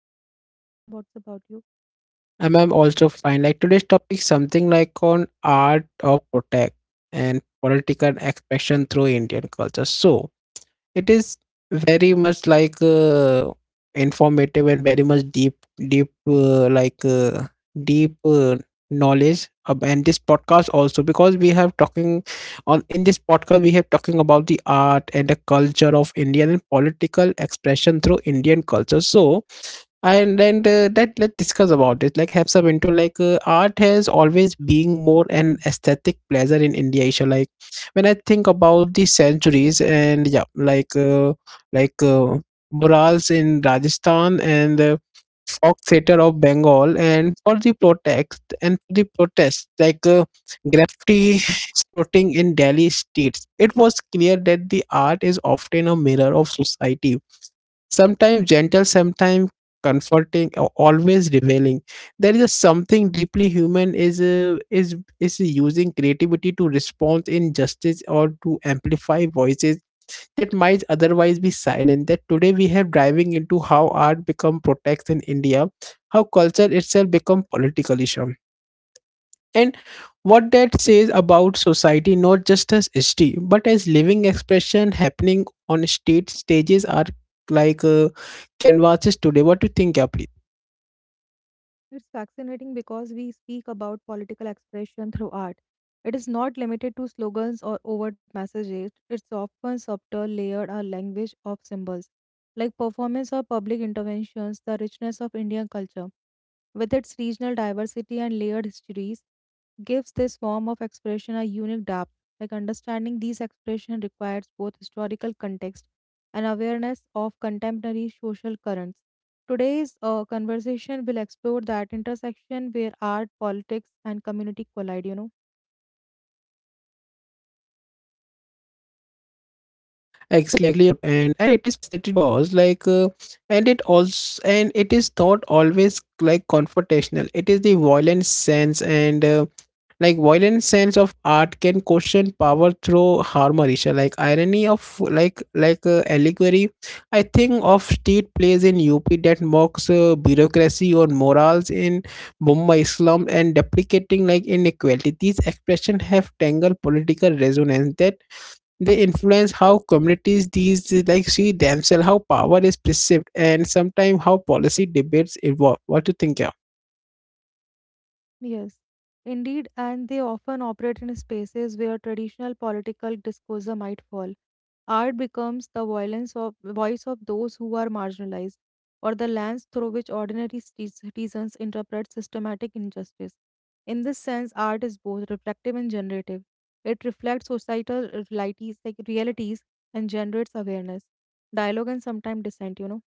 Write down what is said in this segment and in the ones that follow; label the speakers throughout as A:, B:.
A: I am fine, Satyam. What's about you?
B: I'm also fine. Like today's topic something like on art of protect and political expression through Indian culture. So it is very much informative and very much deep uh, like uh, deep knowledge. And this podcast also because we have talking on in this podcast we have talking about the art and the culture of Indian and political expression through Indian culture. So and then that let's discuss about it like have some into art has always being more an aesthetic pleasure in India, Isha. Like when I think about the centuries and yeah like uh, murals in Rajasthan and folk theater of Bengal and for the protest and for the protest graffiti sprouting in Delhi streets, it was clear that the art is often a mirror of society, sometimes gentle, sometimes comforting, always revealing. There is a something deeply human is using creativity to respond in justice or to amplify voices that might otherwise be silent. That today we have diving into how art become protects in India, how culture itself become political issue and what that says about society, not just as history but as living expression happening on state stages are like uh, canvases today. What do you think, Gabri?
A: It's fascinating because we speak about political expression through art. It is not limited to slogans or overt messages. It's often subtle, layered, or language of symbols. Like performance or public interventions, the richness of Indian culture, with its regional diversity and layered histories, gives this form of expression a unique depth. Like understanding these expressions requires both historical context and awareness of contemporary social currents. Today's conversation will explore that intersection where art, politics, and community collide, you know.
B: Exactly, exactly, it was so true. And it is fascinating cause and it also and it is not always like confrontational, it is the violent sense and like violent sense of art can question power through harmony, so like irony of allegory. I think of state plays in UP that mocks bureaucracy or morals in Mumbai slum and deprecating like inequality. These expressions have tangled political resonance that they influence how communities these like see themselves, how power is perceived and sometimes how policy debates evolve. What do you think, yeah?
A: Yes, indeed, and they often operate in spaces where traditional political discourse might fall. Art becomes the violence of, voice of those who are marginalized, or the lens through which ordinary citizens interpret systematic injustice. In this sense, art is both reflective and generative. It reflects societal realities, and generates awareness, dialogue, and sometimes dissent. You know.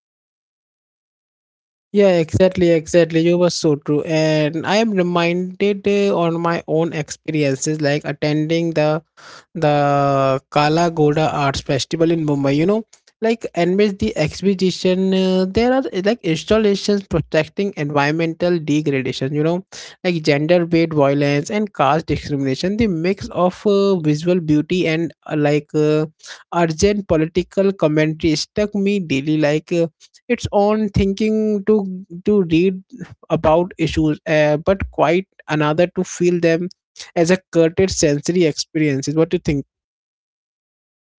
B: Yeah, exactly, exactly. You were so true. And I am reminded on my own experiences, like attending the Kala Ghoda Arts Festival in Mumbai. You know, like amidst the exhibition, there are like installations protecting environmental degradation. You know, like gender-based violence and caste discrimination. The mix of visual beauty and urgent political commentary struck me daily. Its own thinking to read about issues, but quite another to feel them as a curated sensory experience. Is what you think?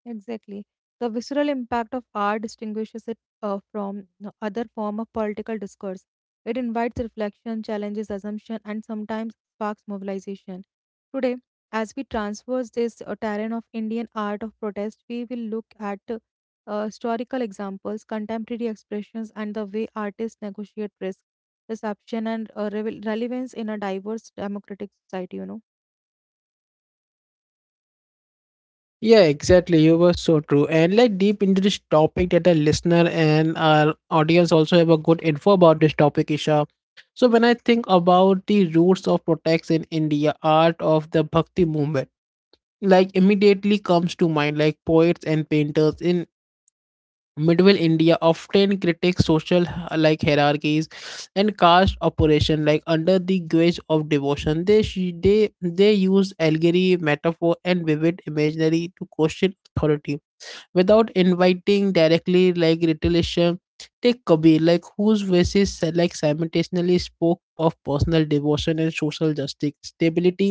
A: Exactly. The visceral impact of art distinguishes it from the other form of political discourse. It invites reflection, challenges assumption, and sometimes sparks mobilization. Today, as we traverse this terrain of Indian art of protest, we will look at historical examples, contemporary expressions, and the way artists negotiate risk, perception, and relevance in a diverse democratic society. You know.
B: Yeah, exactly. You were so true. And like deep into this topic that the listener and our audience also have a good info about this topic, Isha. So when I think about the roots of protects in India, art of the Bhakti movement, like immediately comes to mind, like poets and painters in medieval India often critiques social like hierarchies and caste operation like under the guise of devotion. They sh- they they use allegory, metaphor and vivid imaginary to question authority without inviting directly like retaliation. Take Kabir, like whose verses like simultaneously spoke of personal devotion and social justice stability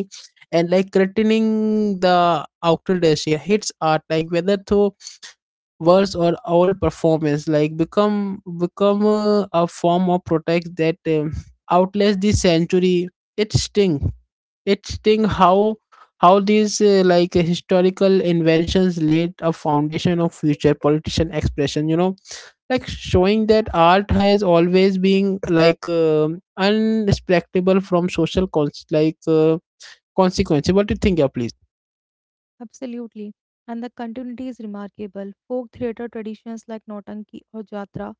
B: and like threatening the outer hits art, like whether through verse or all performance, like become a form of protest that outlasts the century. It sting it sting how these historical inventions laid a foundation of future politician expression, you know, like showing that art has always been like unrespectable from social consequence. What do you think, yeah, please?
A: Absolutely. And the continuity is remarkable. Folk theatre traditions like Nautanki or Jatra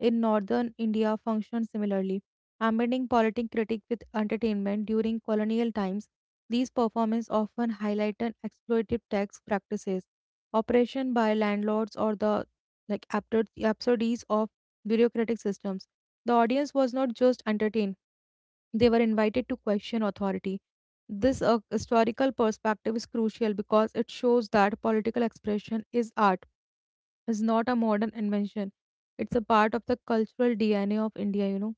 A: in northern India function similarly. Amending politic critique with entertainment during colonial times, these performances often highlight an exploitive tax practices, oppression by landlords, or the absurdities of bureaucratic systems. The audience was not just entertained. They were invited to question authority. This historical perspective is crucial because it shows that political expression is art, is not a modern invention. It's a part of the cultural DNA of India, you know.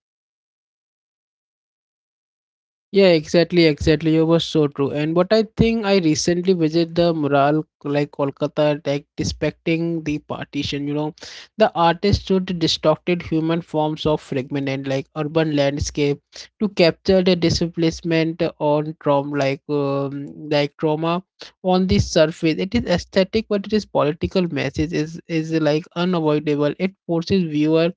B: Yeah, exactly, exactly. You were so true. And what I think, I recently visited the mural like Kolkata, like depicting the partition. You know, the artist showed distorted human forms of fragment and like urban landscape to capture the displacement on trauma, like trauma on the surface. It is aesthetic, but it is political message is like unavoidable. It forces viewer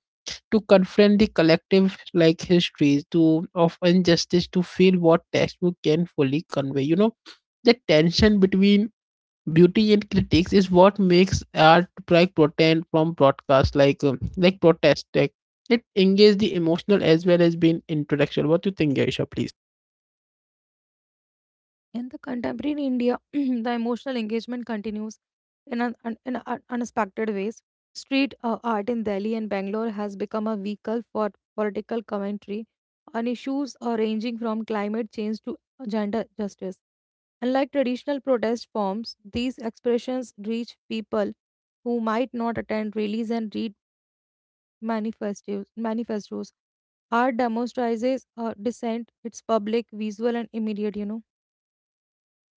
B: to confront the collective like histories to of injustice, to feel what textbook can fully convey, you know, the tension between beauty and critics is what makes art like pretend from broadcast like protest like it engages the emotional as well as being intellectual. What do you think, Gaisha, please?
A: In the contemporary India, the emotional engagement continues in unexpected ways. Street art in Delhi and Bangalore has become a vehicle for political commentary on issues ranging from climate change to gender justice. Unlike traditional protest forms, these expressions reach people who might not attend rallies and read manifestos. Art demonstrates dissent, its public, visual, and immediate, you know.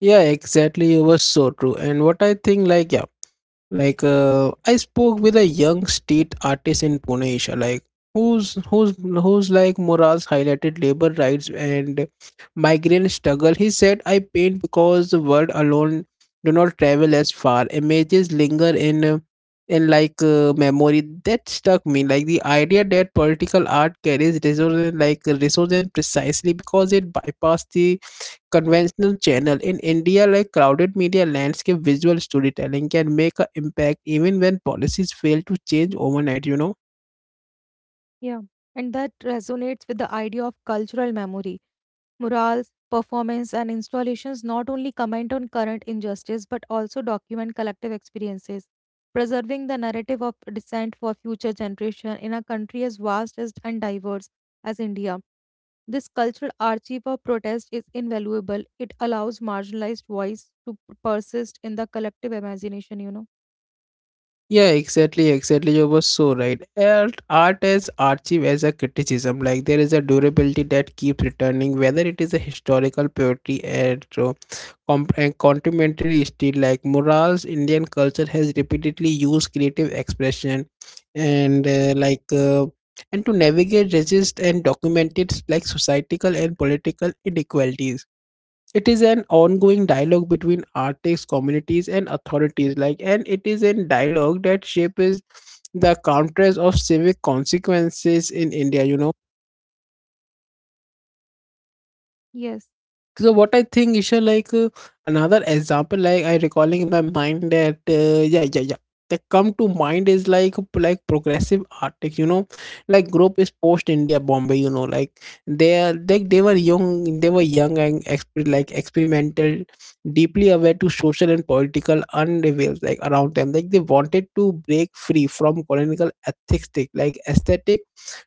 B: Yeah, exactly. It was so true. And what I think, like, yeah, I spoke with a young street artist in Pune, Isha, like who's like Moraz highlighted labor rights and migrant struggle. He said, "I paint because the world alone do not travel as far. Images linger in memory." That stuck me. Like the idea that political art carries resonance, resonance precisely because it bypasses the conventional channel in India, like crowded media landscape visual storytelling can make an impact even when policies fail to change overnight, you know.
A: Yeah, and that resonates with the idea of cultural memory. Murals, performance, and installations not only comment on current injustice but also document collective experiences, preserving the narrative of dissent for future generation in a country as vast as and diverse as India. This cultural archive of protest is invaluable. It allows marginalized voice to persist in the collective imagination, you know.
B: Yeah, exactly, exactly, you were so right. Art as archive as a criticism, like there is a durability that keeps returning whether it is a historical poetry and and contemporary style like murals. Indian culture has repeatedly used creative expression and to navigate, resist and document its like societal and political inequalities. It is an ongoing dialogue between artists, communities and authorities, like and it is a dialogue that shapes the counters of civic consequences in India, you know.
A: Yes.
B: So what I think, Isha, another example, like I recalling in my mind that yeah, yeah, yeah, that come to mind is like progressive art, like, you know, like group is post India Bombay, you know, like they are like they were young and like experimental, deeply aware to social and political unravels like around them, like they wanted to break free from colonial ethics, like aesthetic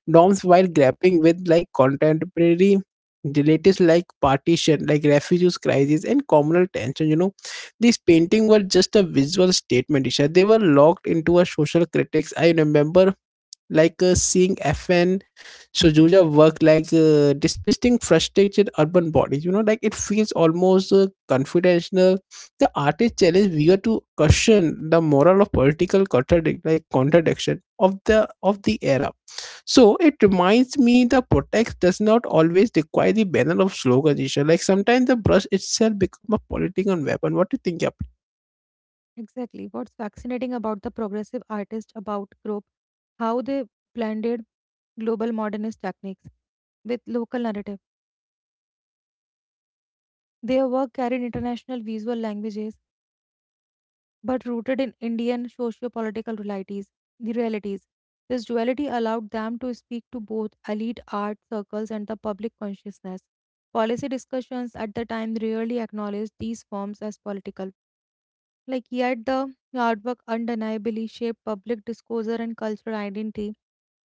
B: norms while grappling with like contemporary the latest like partition like refugees crisis and communal tension, you know, these painting were just a visual statement, Isha. They were locked into a social critics. I remember seeing FN Sojuja work depicting frustrated urban bodies, you know, like it feels almost confidential. The artist challenge viewer to question the moral of political like contradiction of the era. So it reminds me the protest does not always require the banner of slogan issue. Like sometimes the brush itself become a political weapon. What do you think? Yep.
A: Exactly. What's fascinating about the progressive artist about group, how they blended global modernist techniques with local narrative. Their work carried international visual languages but rooted in Indian socio-political realities. The realities. This duality allowed them to speak to both elite art circles and the public consciousness. Policy discussions at the time rarely acknowledged these forms as political. Like, yet the artwork undeniably shaped public discourse and cultural identity.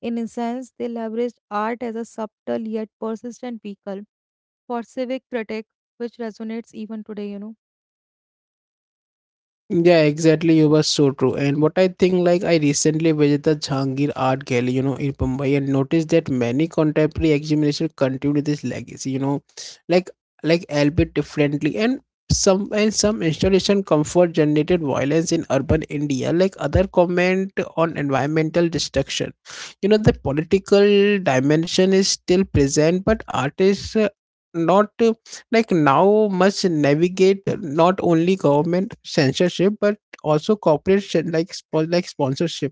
A: In a sense, they leveraged art as a subtle yet persistent vehicle for civic critique, which resonates even today, you know.
B: Yeah, exactly. You were so true. And what I think, like, I recently visited the Jahangir Art Gallery, you know, in Mumbai, and noticed that many contemporary examinations continue this legacy, you know, like, like albeit differently. And some installation comfort generated violence in urban India, like other comment on environmental destruction. You know, the political dimension is still present, but artists not like now must navigate not only government censorship but also corporate sponsorship,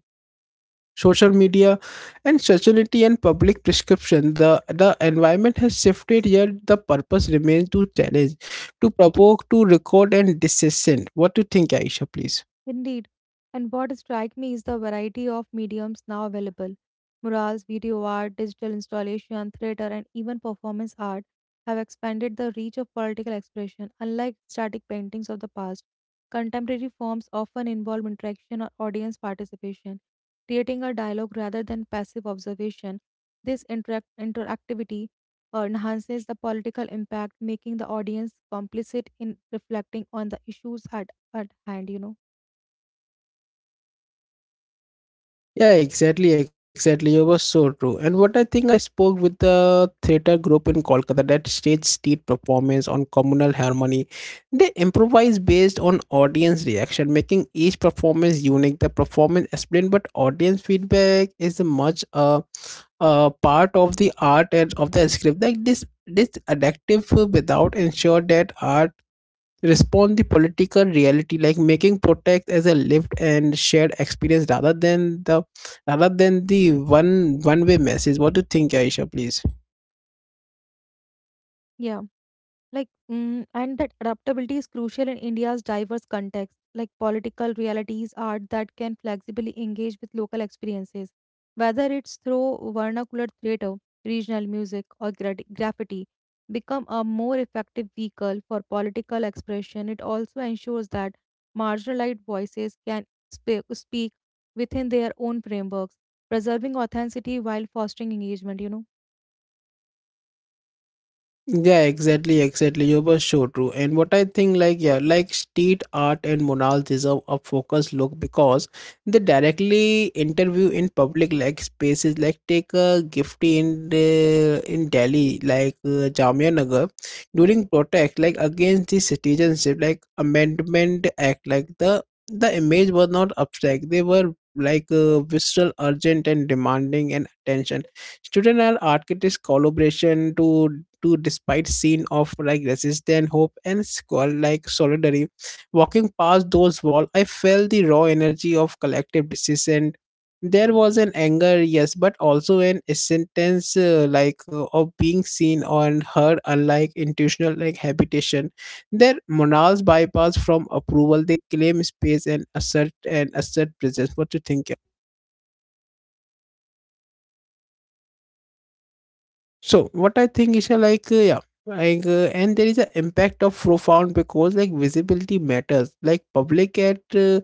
B: social media and society and public prescription. The environment has shifted, yet the purpose remains to challenge, to provoke, to record and dissent. What do you think, Aisha, please?
A: Indeed, and what strikes me is the variety of mediums now available. Murals, video art, digital installation, theater, and even performance art have expanded the reach of political expression. Unlike static paintings of the past, contemporary forms often involve interaction or audience participation, creating a dialogue rather than passive observation. This interactivity enhances the political impact, making the audience complicit in reflecting on the issues at hand, you know.
B: Yeah, exactly, exactly. You were so true. And what I think I spoke with the theatre group in Kolkata that stage street performance on communal harmony. They improvise based on audience reaction, making each performance unique. The performance explained, but audience feedback is a much part of the art and of the script. Like this adaptive without ensure that art respond the political reality, like making protest as a lived and shared experience rather than the one way message. What do you think, Aisha, please?
A: Yeah, like, mm, and that adaptability is crucial in India's diverse context, like political realities, art that can flexibly engage with local experiences, whether it's through vernacular theater, regional music, or graffiti, become a more effective vehicle for political expression. It also ensures that marginalized voices can speak within their own frameworks, preserving authenticity while fostering engagement. You know.
B: Yeah, exactly, exactly. You were so true. And what I think, like, yeah, like street art and morale deserve a focused look because they directly interview in public, like spaces, like take a gifty in in Delhi, Jamia Nagar, during protest, like against the citizenship, like Amendment Act, like the image was not abstract. They were visceral, urgent, and demanding and attention. Students are architects collaboration to despite scene of like resistance, hope and squall like solidarity. Walking past those walls, I felt the raw energy of collective decision. There was an anger, yes, but also an sentence of being seen and heard, unlike institutional like habitation. Their morals bypass from approval. They claim space and assert presence. What do you think? So what I think is like yeah like and there is an impact of profound because like visibility matters like public at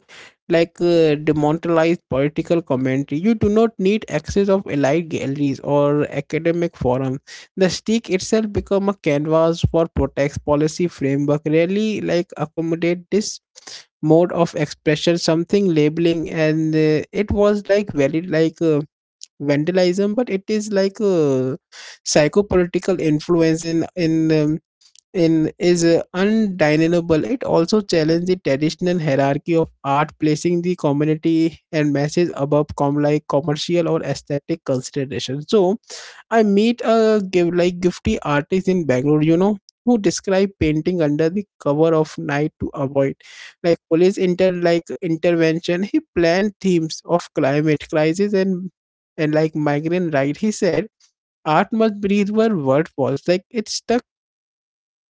B: like demonetized political commentary. You do not need access of elite galleries or academic forums. The stick itself become a canvas for protest. Policy framework rarely like accommodate this mode of expression, something labeling and it was like valid vandalism, but it is like a psychopolitical influence in is undeniable. It also challenged the traditional hierarchy of art, placing the community and masses above commercial or aesthetic considerations. So I meet a give like gifty artist in Bangalore, who describe painting under the cover of night to avoid like police intervention. He planned themes of climate crisis and like migrant right. He said art must breathe where word falls. Like it stuck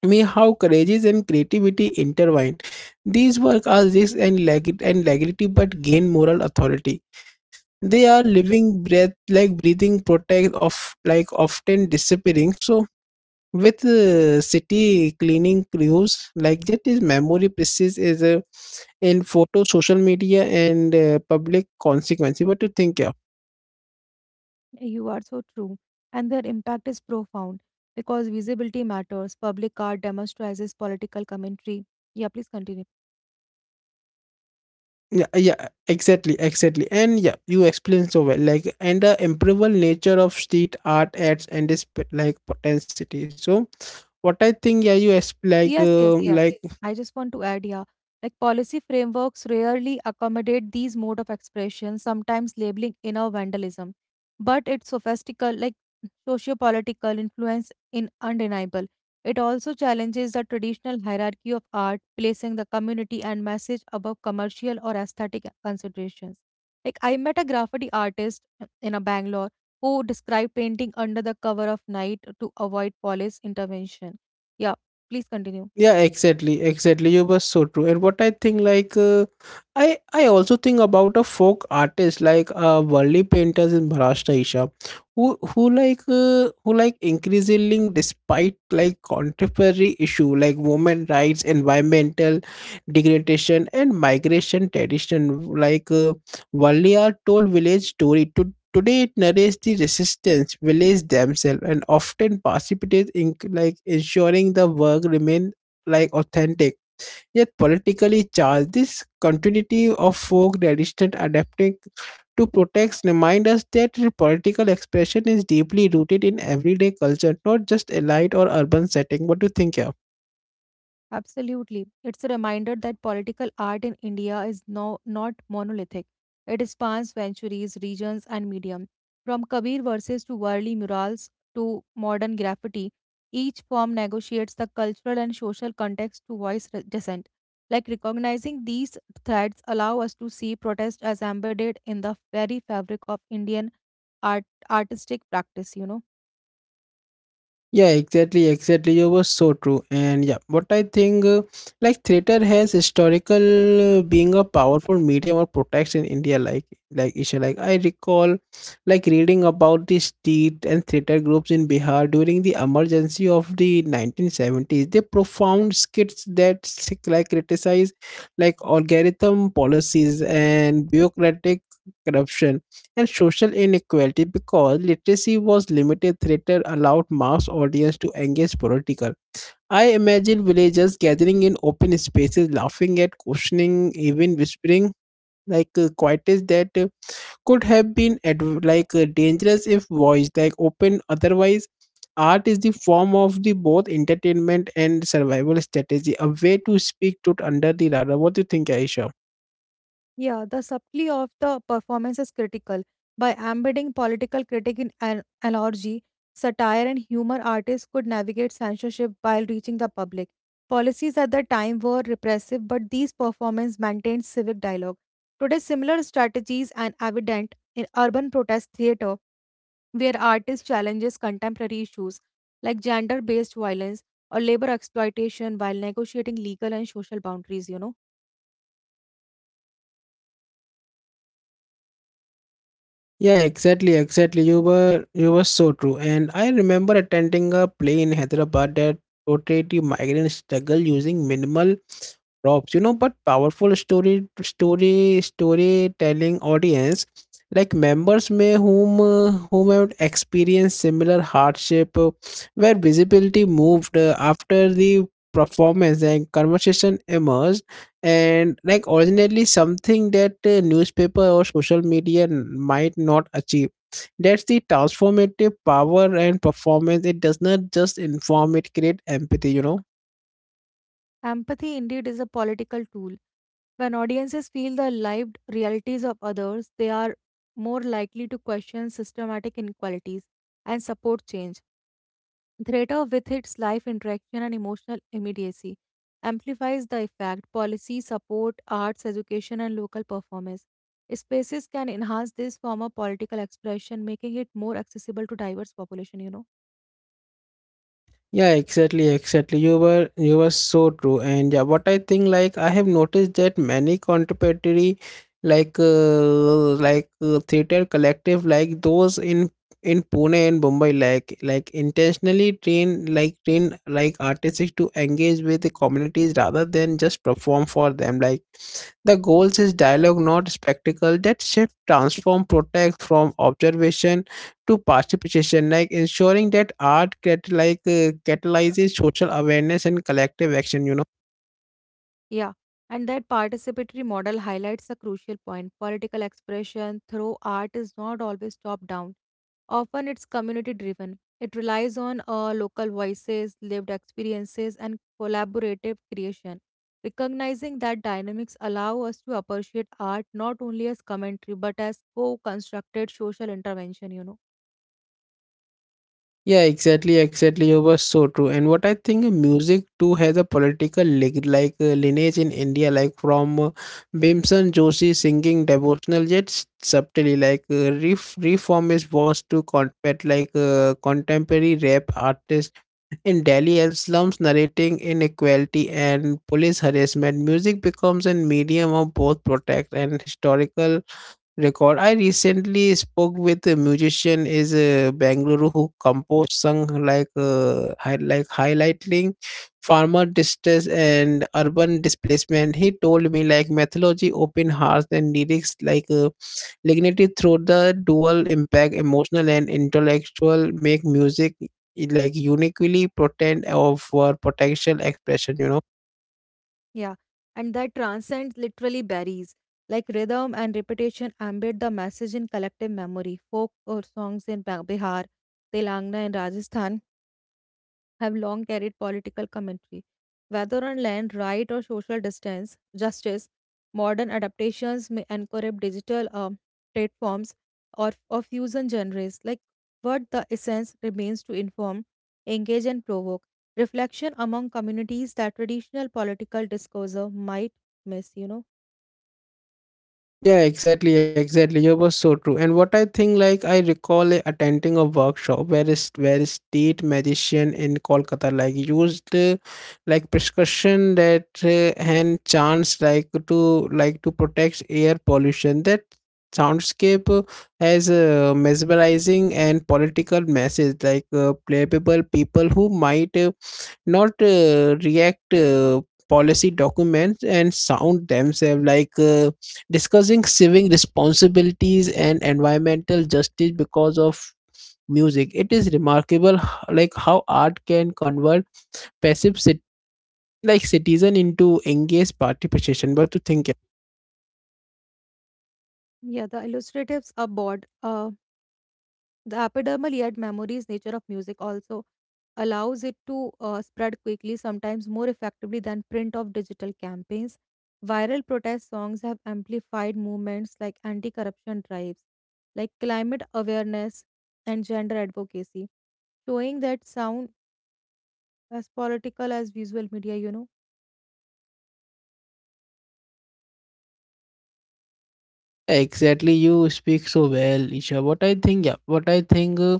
B: me how courageous and creativity intertwined. These work are risk and legality but gain moral authority. They are living breath, like breathing, protect of like often disappearing. So with city cleaning crews like that is memory precise is in photo, social media, and public consequence. What do you think? Yeah,
A: You are so true. And their impact is profound because visibility matters. Public art demonstrates political commentary. Yeah, please continue.
B: yeah, exactly, And yeah, you explained so well. Like, and the improbable nature of street art adds and this like potentiality. So, what I think, yeah, you exp-
A: Yes, yes, yeah.
B: like
A: I just want to add, yeah, like policy frameworks rarely accommodate these mode of expression, sometimes labeling inner vandalism. But its sophistical, like socio-political influence in undeniable. It also challenges the traditional hierarchy of art, placing the community and message above commercial or aesthetic considerations. Like I met a graffiti artist in a Bangalore who described painting under the cover of night to avoid police intervention. Yeah, please continue.
B: yeah, exactly, You were so true. And what I think, I also think about a folk artist worldly painters in Maharashtra, Isha, who like increasingly, despite like contemporary issue like women rights, environmental degradation, and migration tradition, worldly are told village story to. Today it narrates the resistance, village themselves, and often participates in like ensuring the work remain like authentic yet politically charged. This continuity of folk resistance, adapting to protects remind us that political expression is deeply rooted in everyday culture, not just elite or urban setting. What do you think here?
A: Absolutely. It's a reminder that political art in India is no, not monolithic. It spans centuries, regions, and medium. From Kabir verses to Worli murals to modern graffiti, each form negotiates the cultural and social context to voice dissent. Like recognizing these threads allow us to see protest as embedded in the very fabric of Indian art artistic practice, you know.
B: Yeah, exactly, You were so true. And yeah, what I think, like theater has historical being a powerful medium of protection in India. Like issue. Like I recall, like reading about the street and theater groups in Bihar during the emergency of the 1970s. They profound skits that criticize like algorithm policies and bureaucratic corruption and social inequality. Because literacy was limited, theater allowed mass audience to engage political. I imagine villagers gathering in open spaces laughing at questioning even whispering quietes that could have been dangerous if voiced like open otherwise. Art is the form of the both entertainment and survival strategy, a way to speak to under the radar. What do you think, Aisha?
A: Yeah, the subtlety of the performance is critical. By embedding political critique in an allergy, satire, and humor, artists could navigate censorship while reaching the public. Policies at the time were repressive, but these performances maintained civic dialogue. Today, similar strategies are evident in urban protest theater, where artists challenges contemporary issues like gender-based violence or labor exploitation while negotiating legal and social boundaries. You know.
B: Yeah, exactly, You were so true. And I remember attending a play in Hyderabad that portrayed the migrant struggle using minimal props, you know, but powerful storytelling audience like members may whom whom have experienced similar hardship where visibility moved after the performance and conversation emerged. And like originally something that newspaper or social media might not achieve. That's the transformative power and performance. It does not just inform, it create empathy, you know.
A: Empathy indeed is a political tool. When audiences feel the lived realities of others, they are more likely to question systematic inequalities and support change. Theater, with its live interaction and emotional immediacy, amplifies the effect. Policy, support, arts, education, and local performance spaces can enhance this form of political expression, making it more accessible to diverse population. You know.
B: Yeah, exactly, You were so true. And yeah, what I think like I have noticed that many contemporary theater collective like those in Pune and Mumbai like intentionally train like artists to engage with the communities rather than just perform for them. Like the goals is dialogue, not spectacle. That shift transform protect from observation to participation, like ensuring that art catalyzes social awareness and collective action. You know.
A: Yeah, and that participatory model highlights a crucial point. Political expression through art is not always top down, often it's community driven. It relies on local voices, lived experiences, and collaborative creation. Recognizing that dynamics allow us to appreciate art not only as commentary but as co constructed social intervention, you know.
B: Yeah, exactly, You were so true. And what I think music too has a political lineage in India, like from Bhimsen Joshi singing devotional yet subtly, reform is worse to combat contemporary rap artists in Delhi and slums narrating inequality and police harassment. Music becomes a medium of both protect and historical record. I recently spoke with a musician is a Bangalore who composed song highlighting farmer distress and urban displacement. He told me like mythology open hearts and lyrics Lignity through the dual impact, emotional and intellectual, make music like uniquely potent of for potential expression. You know.
A: Yeah, and that transcends literally berries. Like rhythm and repetition embed the message in collective memory. Folk or songs in Bihar, Telangana, and Rajasthan have long carried political commentary. Whether on land right or social distance, justice, modern adaptations may incorporate digital platforms or fusion genres. Like what the essence remains to inform, engage, and provoke. Reflection among communities that traditional political discourse might miss, you know.
B: Yeah, exactly, You was so true. And what I think, like I recall attending a workshop where is where a state magician in Kolkata like used like prescription that hand chants like to protect air pollution. That soundscape has a mesmerizing and political message, playable people who might. Not react policy documents and sound themselves discussing civic responsibilities and environmental justice. Because of music it is remarkable how art can convert passive citizen into engaged participation. What to think?
A: Yeah, the illustratives are bored. The epidermal yet memories nature of music also allows it to spread quickly, sometimes more effectively than print of digital campaigns. Viral protest songs have amplified movements like anti corruption drives, like climate awareness, and gender advocacy, showing that sound as political as visual media, you know.
B: Exactly, you speak so well, Isha. What I think, yeah, what I think, uh,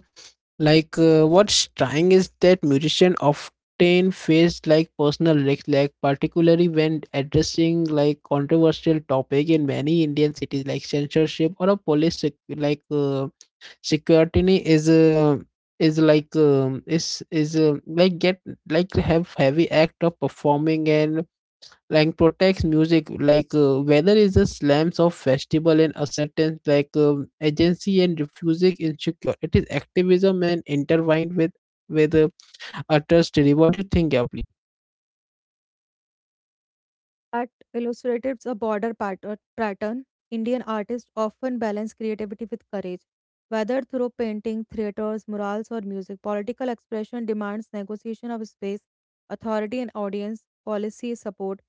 B: like, uh, what's trying is that musician often face like personal risks, like particularly when addressing like controversial topic in many Indian cities, like censorship or a police security is like get like have heavy act of performing and like protects music whether it's the slams of festival and acceptance agency and refusing insecure. It is activism and intertwined with with uh, utter story. What do you think? Yeah, please?
A: Art illustrates a border pattern. Indian artists often balance creativity with courage. Whether through painting, theatres, murals, or music, political expression demands negotiation of space, authority and audience, policy support,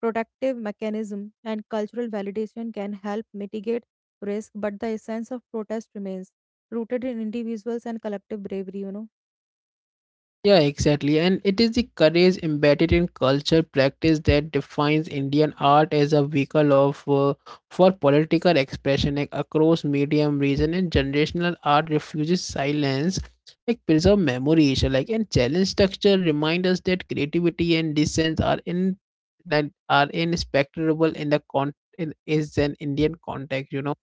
A: protective mechanism, and cultural validation can help mitigate risk, but the essence of protest remains rooted in individuals and collective bravery, you know.
B: Yeah, exactly. And it is the courage embedded in culture practice that defines Indian art as a vehicle of for political expression, like across medium, region, and generational art refuses silence, like preserve memories, like and challenge structure. Remind us that creativity and dissent are inspectable in the is an Indian context, you know.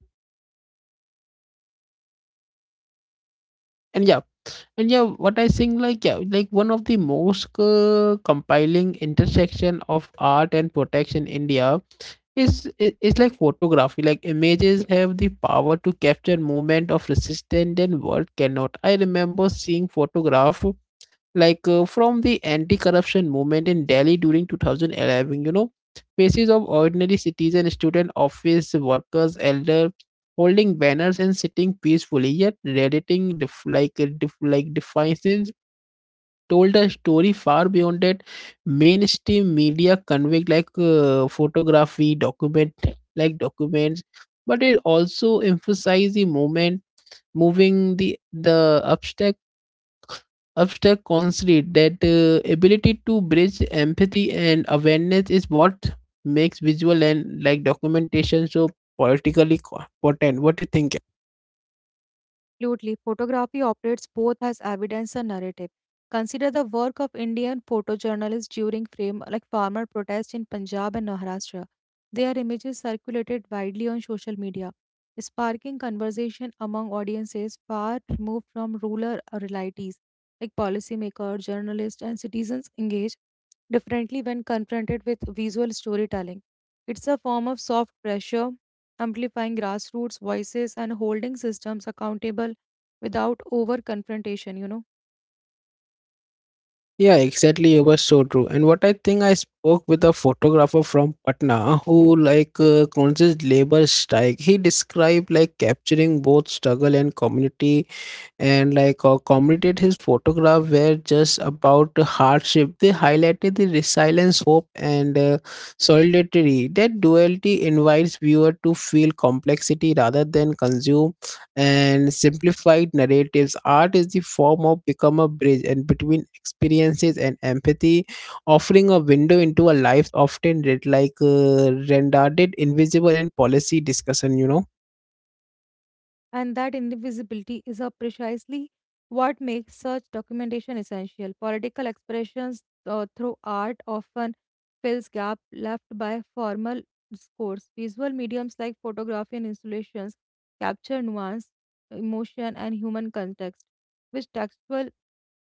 B: And yeah, and yeah, what I think like yeah, like one of the most compiling intersection of art and protection in India is like photography. Like images have the power to capture moment of resistance and world cannot. I remember seeing photograph from the anti-corruption movement in Delhi during 2011, you know, faces of ordinary citizen, student, office workers, elder, holding banners and sitting peacefully, yet redditing defiance told a story far beyond that mainstream media conveyed. Like photography, documents, but it also emphasized the movement moving the Abstract considered that ability to bridge empathy and awareness is what makes visual and like documentation so politically potent. What do you think?
A: Absolutely. Photography operates both as evidence and narrative. Consider the work of Indian photojournalists during frame like farmer protests in Punjab and Maharashtra. Their images circulated widely on social media, sparking conversation among audiences far removed from rural realities. Like policymakers, journalists, and citizens engage differently when confronted with visual storytelling. It's a form of soft pressure amplifying grassroots voices and holding systems accountable without over confrontation, you know.
B: Yeah, exactly. It was so true. And what I think, I spoke with a photographer from Patna who, conscious labor strike. He described like capturing both struggle and community and like commented his photograph were just about hardship. They highlighted the resilience, hope, and solidarity. That duality invites viewer to feel complexity rather than consume and simplified narratives. Art is the form of become a bridge and between experiences and empathy, offering a window into a life often read rendered invisible in policy discussion. You know.
A: And that indivisibility is a precisely what makes such documentation essential. Political expressions through art often fills gap left by formal discourse. Visual mediums like photography and installations capture nuance, emotion, and human context, which textual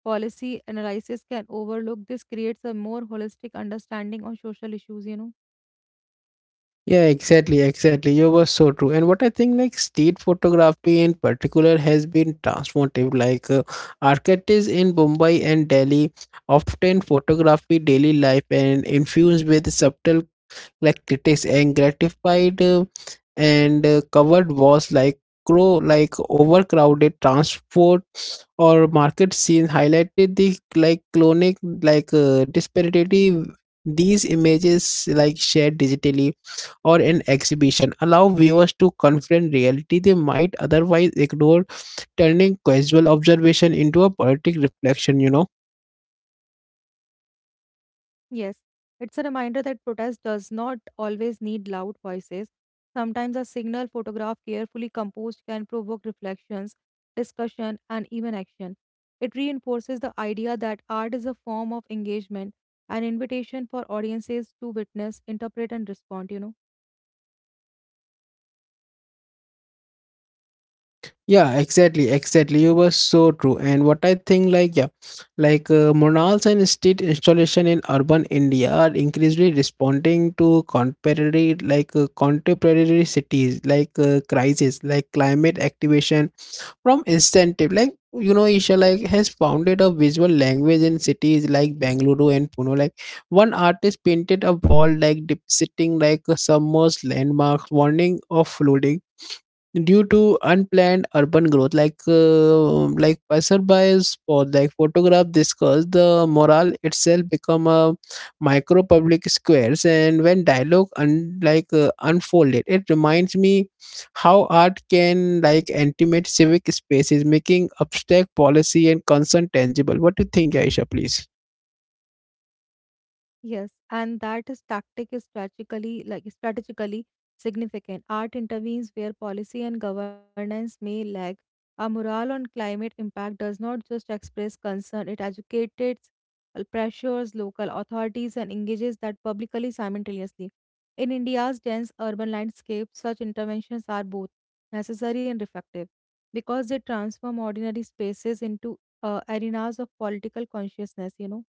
A: policy analysis can overlook. This creates a more holistic understanding on social issues, you know.
B: Yeah, exactly, You were so true. And what I think, like street photography in particular, has been transformative. Like architects in Mumbai and Delhi often photography daily life and infused with subtle like critics and gratified and covered walls like crow like overcrowded transport or market scenes highlighted the like clonic disparity. These images like shared digitally or an exhibition allow viewers to confront reality they might otherwise ignore, turning casual observation into a poetic reflection, you know.
A: Yes, it's a reminder that protest does not always need loud voices. Sometimes a signal photograph carefully composed can provoke reflections, discussion, and even action. It reinforces the idea that art is a form of engagement, an invitation for audiences to witness, interpret, and respond, you know.
B: Yeah, exactly, You were so true. And what I think, like, yeah, murals and street installation in urban India are increasingly responding to contemporary, contemporary cities, crisis, like climate activation, from incentive like you know isha like has founded a visual language in cities like Bangalore and pune like one artist painted a wall like depicting like a submerged landmark warning of flooding due to unplanned urban growth like passerby's spot like photograph discussed the morale itself become a micro public squares. And when dialogue unfolded, it reminds me how art can like intimate civic spaces, making abstract policy and concern tangible. What do you think, Aisha, please?
A: Yes, and that is tactic is strategically significant. Art intervenes where policy and governance may lag. A mural on climate impact does not just express concern, it educates, pressures local authorities, and engages that publicly simultaneously. In India's dense urban landscape, such interventions are both necessary and effective because they transform ordinary spaces into arenas of political consciousness, you know.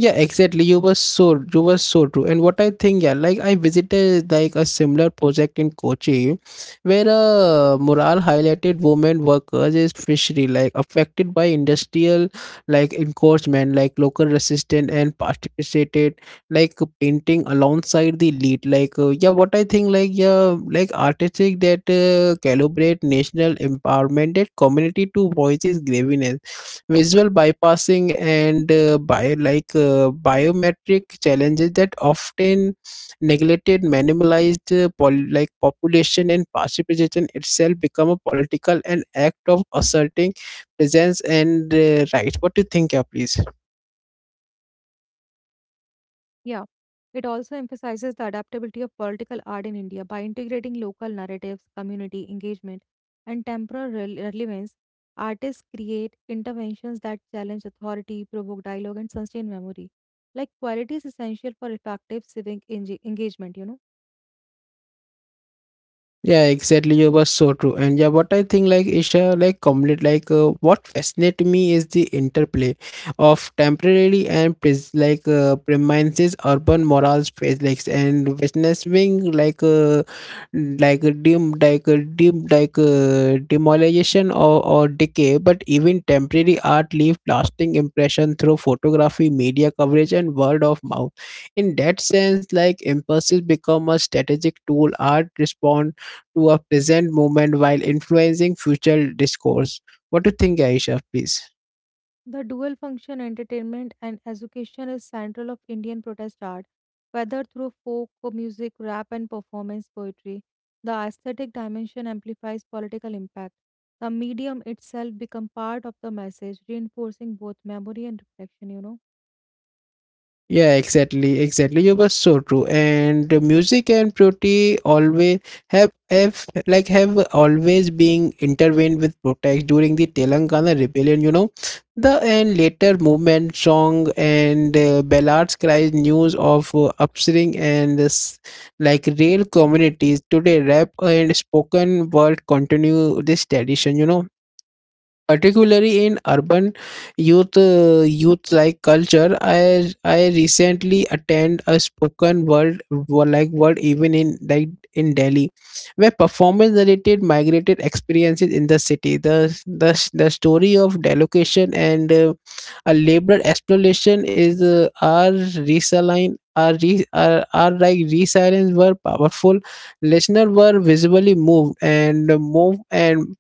B: Yeah, exactly. You were so true. And what I think, yeah, like I visited like a similar project in Kochi, where a mural highlighted women workers is fishery, like affected by industrial like encroachment, like local resistance and participated like painting alongside the lead. Like yeah, what I think, like yeah, like artistic that calibrate national empowerment that community to voices graviness visual bypassing and bio, like biometric challenges that often neglected minimalized population. And participation itself become a political and act of asserting presence and right. What do you think? Yeah, please.
A: Yeah. It also emphasizes the adaptability of political art in India by integrating local narratives, community engagement, and temporal relevance. Artists create interventions that challenge authority, provoke dialogue, and sustain memory, like qualities essential for effective civic engagement, you know.
B: Yeah, exactly. You were so true. And yeah, what I think, like Isha, like complete, like what fascinates me is the interplay of temporary and pres- like premises, urban morals, phase like and witnessing like a dim, like a dim, like demolition or decay. But even temporary art leave lasting impression through photography, media coverage, and word of mouth. In that sense, like impulses become a strategic tool. Art respond to a present moment while influencing future discourse. What do you think, Aisha, please?
A: The dual function entertainment and education is central of Indian protest art, whether through folk music, rap, and performance poetry. The aesthetic dimension amplifies political impact. The medium itself becomes part of the message, reinforcing both memory and reflection, you know.
B: Yeah, exactly, exactly. You were so true. And the music and beauty always have like have always been intervened with protest during the Telangana rebellion. You know, the and later movement song and ballads cries news of upswing and this, like real communities today. Rap and spoken word continue this tradition. You know, particularly in urban youth like culture. I recently attend a spoken word even in delhi where performance related migrated experiences in the city, the story of delocation and a labor exploration is are resaline are, re, are like resilience were powerful. Listeners were visibly moved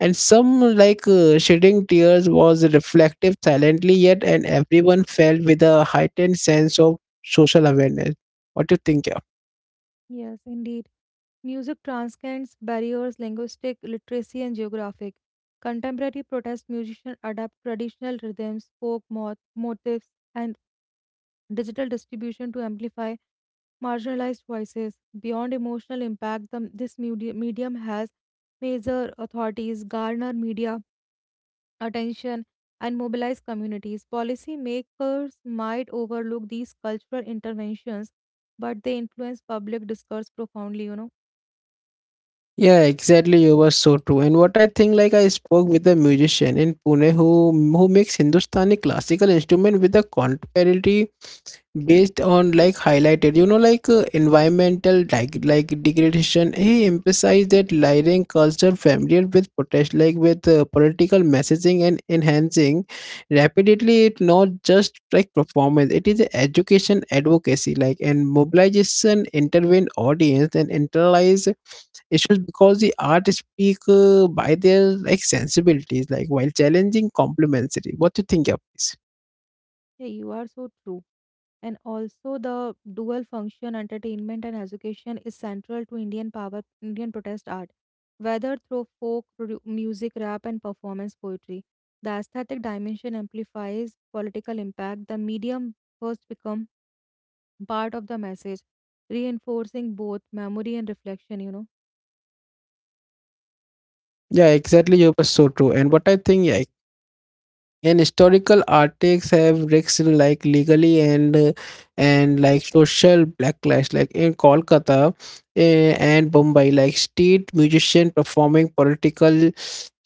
B: and some shedding tears was reflective silently, yet and everyone felt with a heightened sense of social awareness. What do you think? Yeah.
A: Yes, indeed. Music transcends barriers, linguistic, literacy, and geographic. Contemporary protest musicians adapt traditional rhythms, folk motifs, and digital distribution to amplify marginalized voices. Beyond emotional impact, this medium has major authorities garner media attention and mobilize communities. Policymakers might overlook these cultural interventions, but they influence public discourse profoundly.
B: Yeah, exactly, you were so true. And what I think, like I spoke with a musician in pune who makes hindustani classical instrument with a contrariety based on like highlighted, you know, environmental like degradation. He emphasized that lyrian culture familiar with protest like with political messaging and enhancing rapidly. It not just like performance, it is a education advocacy like and mobilization intervene audience and internalize. It shows because the art speak by their like sensibilities, like while challenging complementary. What do you think of this?
A: Yeah, you are so true. And also the dual function entertainment and education is central to Indian protest art. Whether through folk music, rap and performance poetry, the aesthetic dimension amplifies political impact. The medium first become part of the message, reinforcing both memory and reflection.
B: Yeah, exactly. You were so true. And what I think, yeah, and historical artics have risks in, like legally and like social backlash like in kolkata, and mumbai, like street musician performing political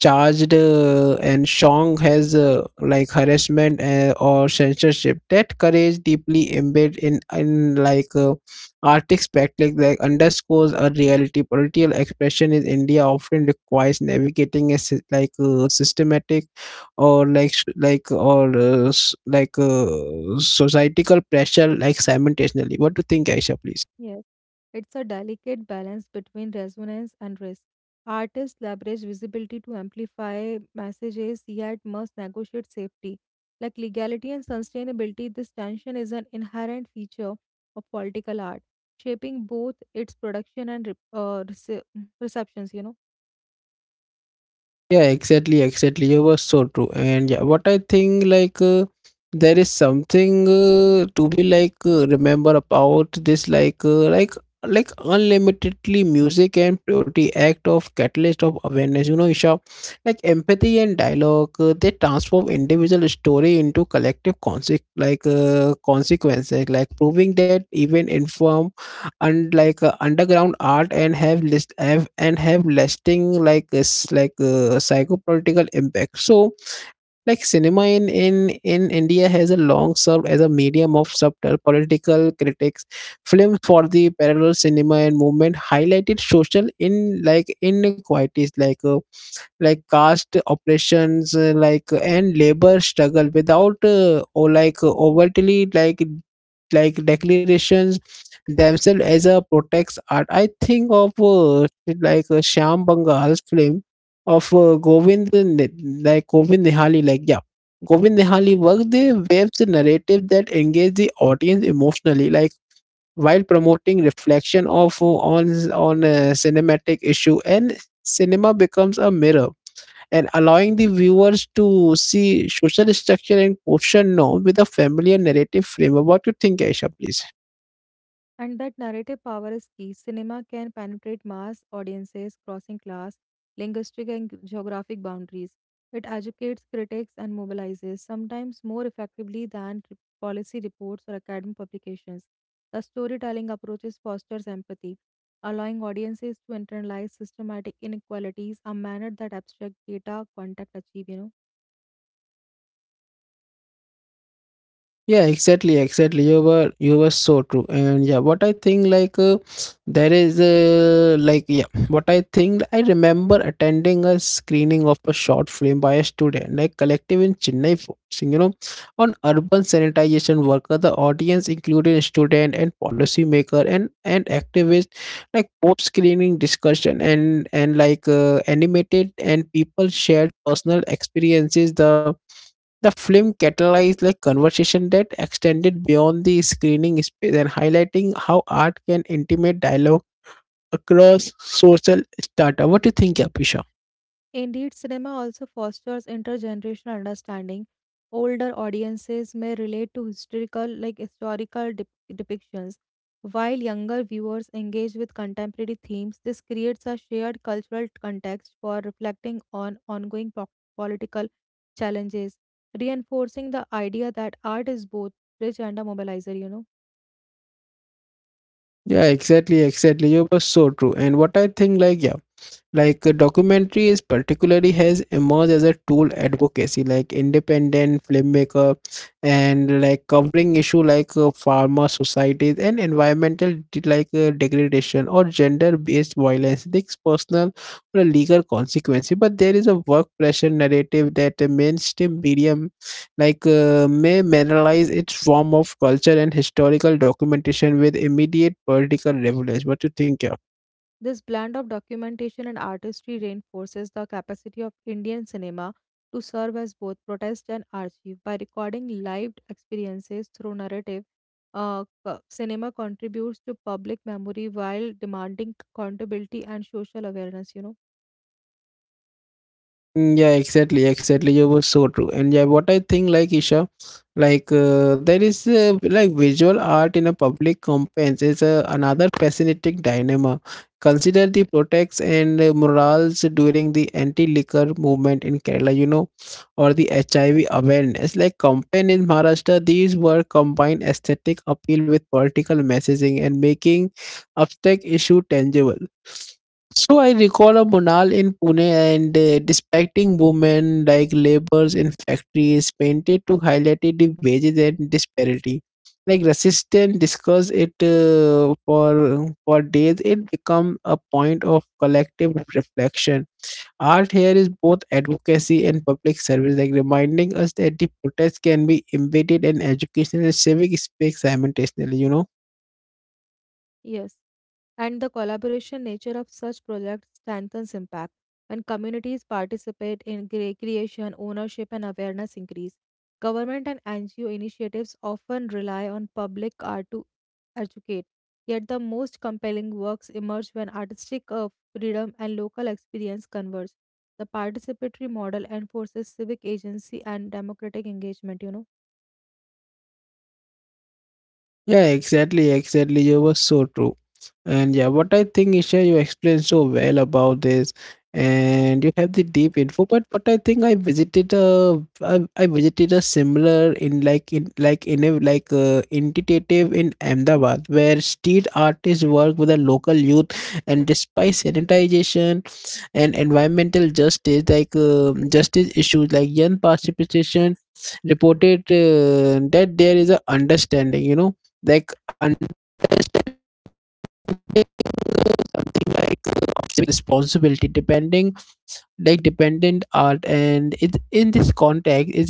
B: charged and song has like harassment or censorship that courage deeply embedded in artistic spectacle like underscores a reality political expression in india often requires navigating a systematic or societal pressure like simultaneously. What do you think, Aisha, please?
A: Yes. It's a delicate balance between resonance and risk. Artists leverage visibility to amplify messages, yet must negotiate safety. Like legality and sustainability, this tension is an inherent feature of political art, shaping both its production and receptions,
B: Yeah, exactly, exactly. You were so true. And yeah, what I think there is something to be like remember about this unlimitedly music and purity act of catalyst of awareness. You know, Isha, like empathy and dialogue, they transform individual story into collective consequences, like proving that even inform and underground art and have list have and have lasting psychopolitical impact. So like cinema in india has a long served as a medium of subtle political critics. Films for the parallel cinema and movement highlighted social in like inequalities like caste operations, like and labor struggle without or like overtly declarations themselves as a protest art. I think of shyam bangal's film of govind nihali, govind nihali work. They waves a narrative that engage the audience emotionally like while promoting reflection of on a cinematic issue, and cinema becomes a mirror and allowing the viewers to see social structure and question norms with a familiar narrative frame. About you think, Aisha, please?
A: And that narrative power is key. Cinema can penetrate mass audiences, crossing class, linguistic, and geographic boundaries. It educates critics and mobilizes, sometimes more effectively than policy reports or academic publications. The storytelling approaches fosters empathy, allowing audiences to internalize systematic inequalities, a manner that abstract data contact achieve,
B: Yeah, exactly, exactly. You were so true. And yeah, what I think there is like yeah what I think I remember attending a screening of a short film by a student like collective in chennai, focusing, you know, on urban sanitization worker. The audience included student and policymaker and activist. Like post screening discussion and like animated and people shared personal experiences. The film catalyzed like conversation that extended beyond the screening space and highlighting how art can intimate dialogue across social strata. What do you think, Apisha?
A: Indeed, cinema also fosters intergenerational understanding. Older audiences may relate to historical depictions, while younger viewers engage with contemporary themes. This creates a shared cultural context for reflecting on ongoing political challenges, reinforcing the idea that art is both rich and a mobilizer.
B: Yeah, exactly, exactly. You were so true. And what I think, like, yeah, documentaries particularly has emerged as a tool advocacy, like independent filmmaker and like covering issue farmer societies and environmental degradation or gender based violence. These personal or legal consequences, but there is a work pressure narrative that the mainstream medium may mineralize its form of culture and historical documentation with immediate political relevance. What do you think? Yeah?
A: This blend of documentation and artistry reinforces the capacity of Indian cinema to serve as both protest and archive. By recording lived experiences through narrative, cinema contributes to public memory while demanding accountability and social awareness,
B: Mm, yeah, exactly, exactly. You were so true. And yeah, what I think, like Isha, there is visual art in a public campaigns is another fascinating dilemma. Consider the protests and morals during the anti-liquor movement in Kerala, you know, or the HIV awareness. Like campaign in Maharashtra, these were combined aesthetic appeal with political messaging and making abstract issue tangible. So I recall a Munal in Pune and despecting women like laborers in factories painted to highlight the wages and disparity. Like resistance discussed it for days. It become a point of collective reflection. Art here is both advocacy and public service, like reminding us that the protest can be embedded in educational and civic space simultaneously. You know.
A: Yes, and the collaboration nature of such projects strengthens impact. When communities participate in creation, ownership, and awareness increase. Government and NGO initiatives often rely on public art to educate, yet the most compelling works emerge when artistic freedom and local experience converge. The participatory model enforces civic agency and democratic engagement,
B: Yeah, exactly, exactly. You were so true. And yeah, what I think, Isha, you explained so well about this, and you have the deep info. But I think I visited I visited a similar in like in like in a like entitative in Ahmedabad, where street artists work with the local youth, and despite sanitization and environmental justice justice issues, like young participation reported that there is a understanding, you know, like understand something of civic responsibility depending like dependent art, and it in this context is it like exceptional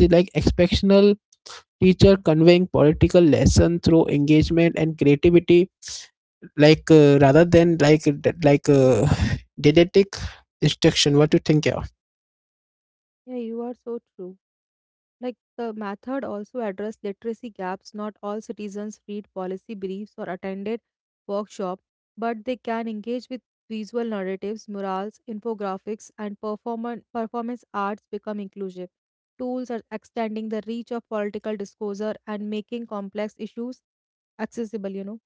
B: teacher conveying political lesson through engagement and creativity rather than didactic instruction. What do you think? Yeah.
A: Yeah, you are so true. Like the method also addressed literacy gaps. Not all citizens read policy briefs or attended workshops, but they can engage with visual narratives, murals, infographics, and performance arts become inclusive. Tools are extending the reach of political discourse and making complex issues accessible,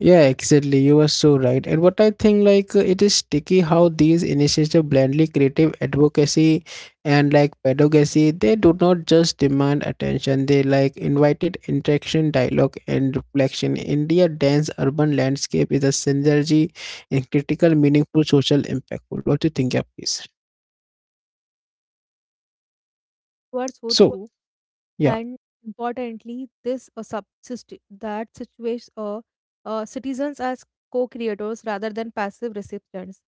B: Yeah, exactly. You are so right. And what I think, like, it is sticky how these initiatives blindly creative advocacy and like pedagogy. They do not just demand attention. They like invited interaction, dialogue, and reflection. India dense urban landscape is a synergy and critical, meaningful social impactful. What do you think, yeah, please?
A: Words so
B: So,
A: true.
B: yeah.
A: And importantly, this that situates citizens as co-creators rather than passive recipients.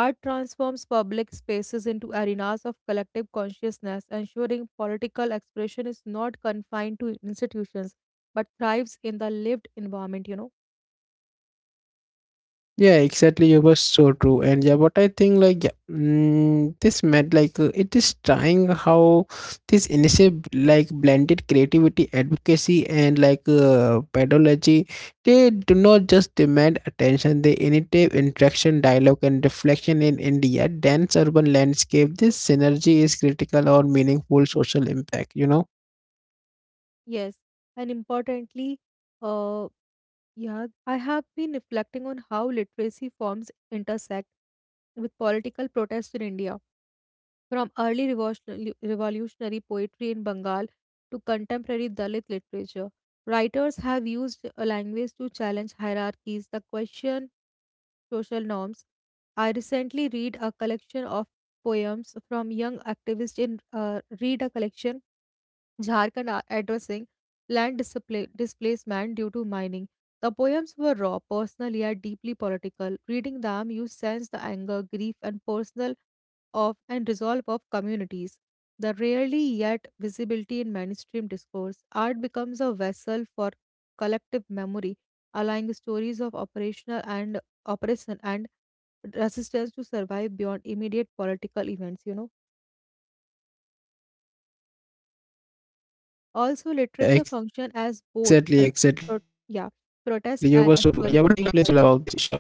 A: Art transforms public spaces into arenas of collective consciousness, ensuring political expression is not confined to institutions but thrives in the lived environment,
B: Yeah, exactly. You were so true, and yeah, what I think like yeah, mm, this meant it is trying how this initiative like blended creativity, advocacy, and pedagogy. They do not just demand attention; they initiate interaction, dialogue, and reflection in India dense urban landscape. This synergy is critical or meaningful social impact. You know.
A: yes, and importantly, uh, yeah, I have been reflecting on how literacy forms intersect with political protest in India. From early revolutionary poetry in Bengal to contemporary Dalit literature, writers have used a language to challenge hierarchies, the question social norms. I recently read a collection of poems from young activists in read a collection, Jharkhand are addressing displacement due to mining. The poems were raw, personal yet deeply political. Reading them, you sense the anger, grief, and personal of and resolve of communities. The rarely yet visibility in mainstream discourse, art becomes a vessel for collective memory, allowing stories of operational and oppression and resistance to survive beyond immediate political events. Also, literature
B: Exactly,
A: function as
B: exactly. You were
A: both
B: so
A: a
B: true. And yeah,
A: pro-
B: what I
A: yeah
B: think like yeah, you
A: protest and a
B: explained so
A: historical.
B: well about this issue.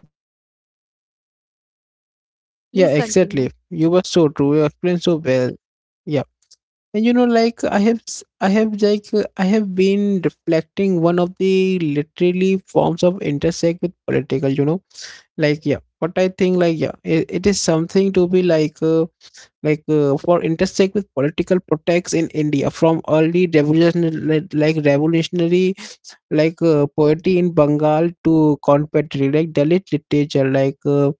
B: Yeah,
A: Please continue.
B: exactly. You were so true. You explained so well. Yeah, and you know, like I have, s- I have, like I have been reflecting one of the literally forms of intersect with political. You know, like yeah, what I think, like yeah, it is something to be like, for intersect with political protects in India from early revolutionary, like revolutionary poetry in Bengal to contemporary like Dalit literature,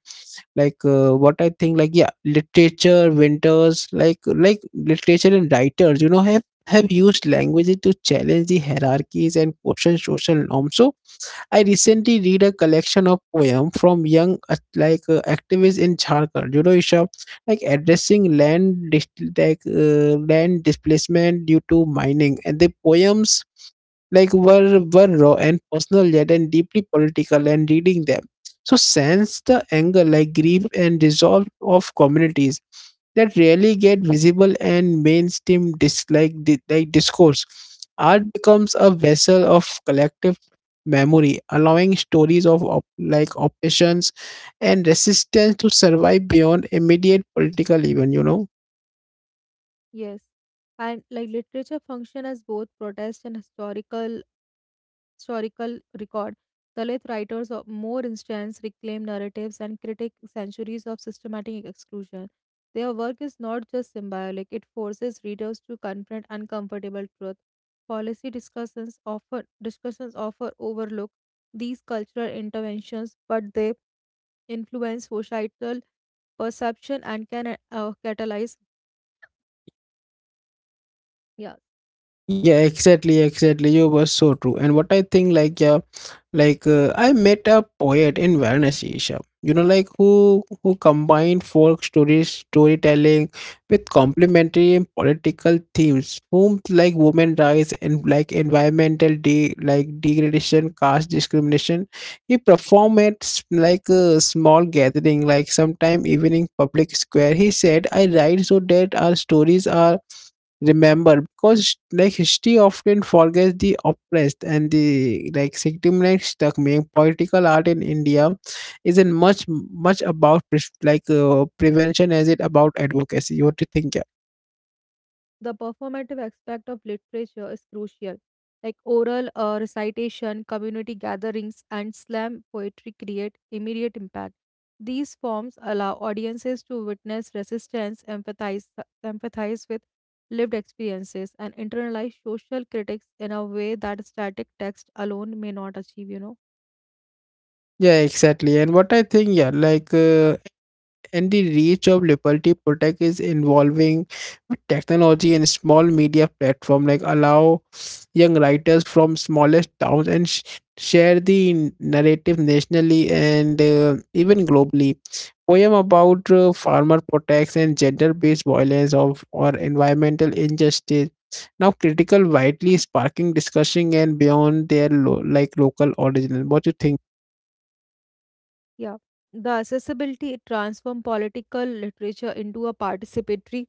B: like what I think, like yeah, literature, winters, like literature and writers, you know, have used languages to challenge the hierarchies and question social norms. So I recently read a collection of poem from young activists in Jharkhand. You know, Isha, like addressing land displacement due to mining, and the poems were raw and personal, yet and deeply political, and reading them so sense the anger, like grief and resolve of communities that rarely get visible and mainstream dislike di- like discourse. Art becomes a vessel of collective memory, allowing stories of oppressions and resistance to survive beyond immediate political event. You know.
A: Yes, and like literature function as both protest and historical record. Dalit writers of more instance reclaim narratives and critique centuries of systematic exclusion. Their work is not just symbolic, it forces readers to confront uncomfortable truth. Policy discussions often overlook these cultural interventions, but they influence societal perception and can catalyze. Yeah,
B: Yeah, exactly, exactly. You were so true. And what I think, like, yeah, I met a poet in Varanasi, Isha. You know, like who combined folk stories, storytelling with complementary and political themes, whom like women rights and like environmental de like degradation, caste discrimination. He performed at a small gathering, like sometime even in public square. He said, "I write so that our stories are." Remember because like history often forgets the oppressed and the like victimized. The main political art in india isn't much about prevention as it about advocacy. What do you think? Yeah.
A: the performative aspect of literature is crucial. Like oral recitation, community gatherings, and slam poetry create immediate impact. These forms allow audiences to witness resistance, empathize with lived experiences, and internalize social critics in a way that static text alone may not achieve,
B: Yeah, exactly. And what I think, yeah, and the reach of Liberty Protect is involving with technology and small media platform like allow young writers from smallest towns and share the narrative nationally and even globally. Poem about farmer protects and gender-based violence of or environmental injustice now critical widely sparking discussion and beyond their local original. What you think?
A: Yeah. The accessibility transform political literature into a participatory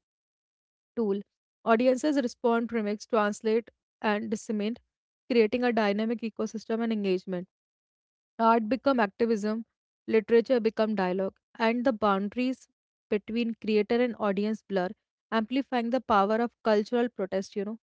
A: tool, audiences respond to remix, translate, and disseminate, creating a dynamic ecosystem and engagement. Art become activism, literature become dialogue, and the boundaries between creator and audience blur, amplifying the power of cultural protest,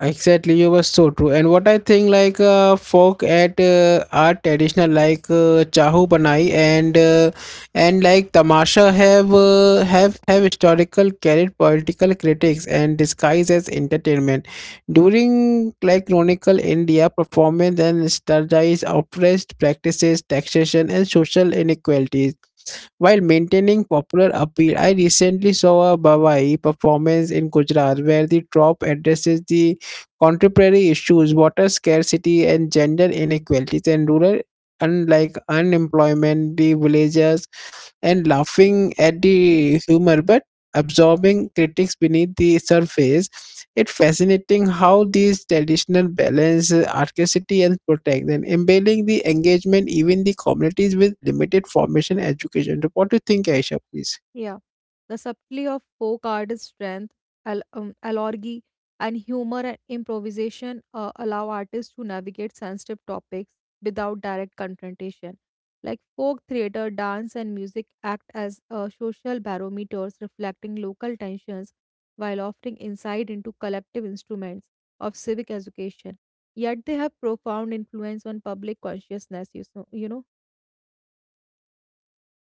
B: Exactly, you were so true. And what I think, folk at are traditional, Chahu Banai and like Tamasha have historical carried political critics and disguised as entertainment. During like chronicle India, performance and strategize oppressed practices, taxation, and social inequalities. While maintaining popular appeal, I recently saw a Bawai performance in Gujarat where the troupe addresses the contemporary issues, water scarcity and gender inequalities and rural unlike unemployment, the villagers and laughing at the humor. But absorbing critics beneath the surface. It's fascinating how these traditional balance archivity and protect and embedding the engagement even the communities with limited formation education. So what do you think, Aisha, please?
A: Yeah. The subtlety of folk artist strength, allegory, and humor and improvisation allow artists to navigate sensitive topics without direct confrontation. Like folk theater, dance, and music act as social barometers reflecting local tensions while offering insight into collective instruments of civic education. Yet they have profound influence on public consciousness, you know?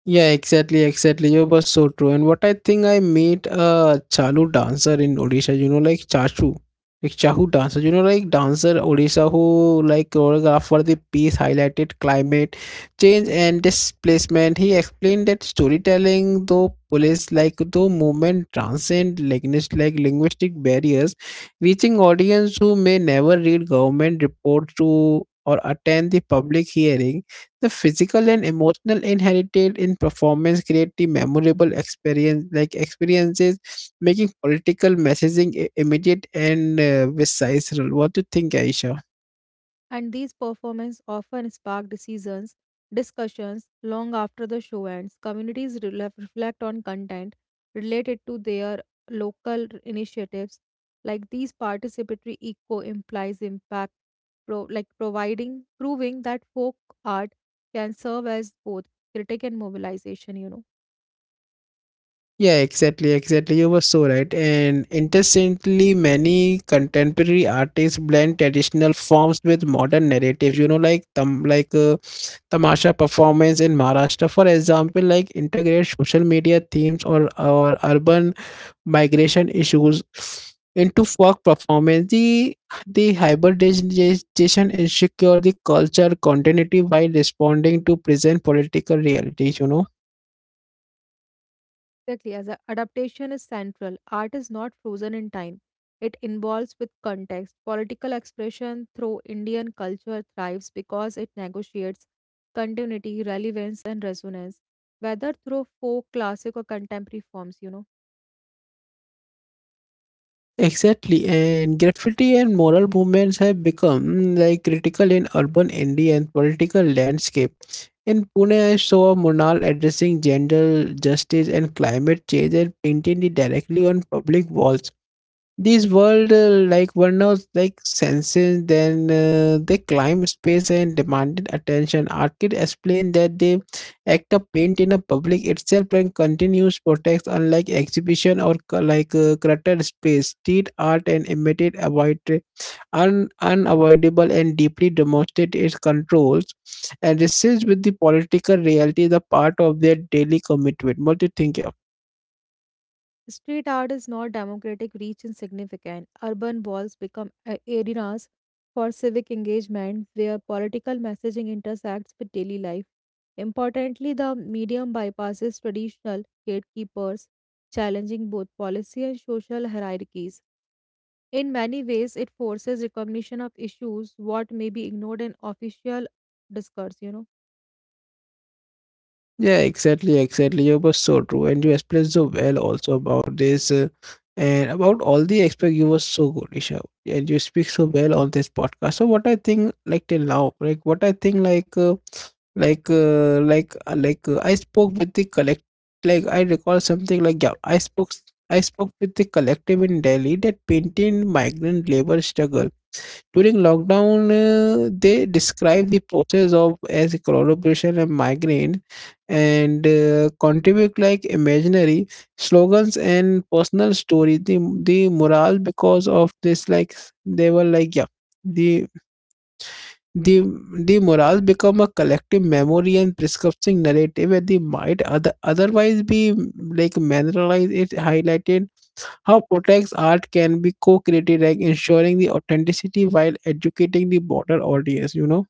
B: Yeah, exactly, exactly. You were so true. And what I think I met a Chalu dancer in Odisha, you know, like Chachu. Like Chahu dancer, you know, like dancer Odisha who like choreographed for the piece highlighted climate change and displacement. He explained that storytelling though police like though movement transcend language like linguistic barriers, reaching audience who may never read government reports to or attend the public hearing the physical and emotional inherited in performance create the memorable experiences, making political messaging immediate and visceral. What do you think, Aisha?
A: And these performances often spark discussions long after the show ends. Communities reflect on content related to their local initiatives. Like these participatory eco implies impact, proving that folk art can serve as both critic and mobilization,
B: Yeah, exactly, exactly. You were so right. And interestingly, many contemporary artists blend traditional forms with modern narratives. You know, like tamasha performance in Maharashtra, for example, like integrate social media themes or urban migration issues into work performance. The hybridization ensure the culture continuity while responding to present political realities, you know.
A: Exactly, as adaptation is central, art is not frozen in time. It involves with context. Political expression through Indian culture thrives because it negotiates continuity, relevance, and resonance, whether through folk, classic, or contemporary forms,
B: Exactly, and graffiti and moral movements have become like critical in urban Indian political landscape. In Pune, I saw Monal addressing gender justice and climate change and painting it directly on public walls. This world like Warner's like senses then they climbed space and demanded attention. Arcade explained that the act of paint in a public itself and continuous protest unlike exhibition or cluttered space. Street art and immediate avoid unavoidable and deeply demonstrate its controls and resists with the political reality the part of their daily commitment. What do you think? Yeah?
A: Street art is not democratic reach insignificant. Urban walls become arenas for civic engagement where political messaging intersects with daily life. Importantly, the medium bypasses traditional gatekeepers, challenging both policy and social hierarchies. In many ways, it forces recognition of issues what may be ignored in official discourse,
B: Yeah, exactly, exactly. You were so true, and you explained so well also about this and about all the aspect. You were so good, Isha, and you speak so well on this podcast. So what I think, like till now, like what I think, I spoke with the collect, like I recall something like yeah, I spoke with the collective in Delhi that painted migrant labor struggle during lockdown, they describe the process of as collaboration and migraine, and contribute like imaginary slogans and personal stories. The morale because of this, like they were like yeah, the the the morale become a collective memory and prescriptive narrative, and the might other, otherwise be like mineralized. It highlighted how Protect's art can be co-created, like ensuring the authenticity while educating the broader audience, you know?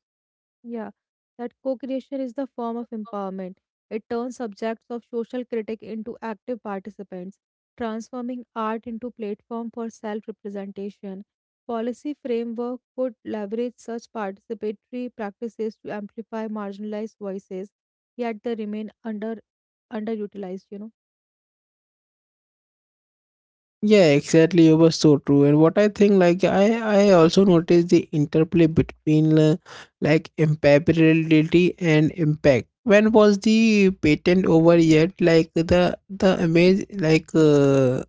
A: Yeah, that co-creation is the form of empowerment. It turns subjects of social critique into active participants, transforming art into platform for self-representation. Policy framework could leverage such participatory practices to amplify marginalized voices, yet they remain underutilized,
B: Yeah, exactly. It was so true. And what I think, I also noticed the interplay between like impeccability and impact. When was the patent over yet? Like the image,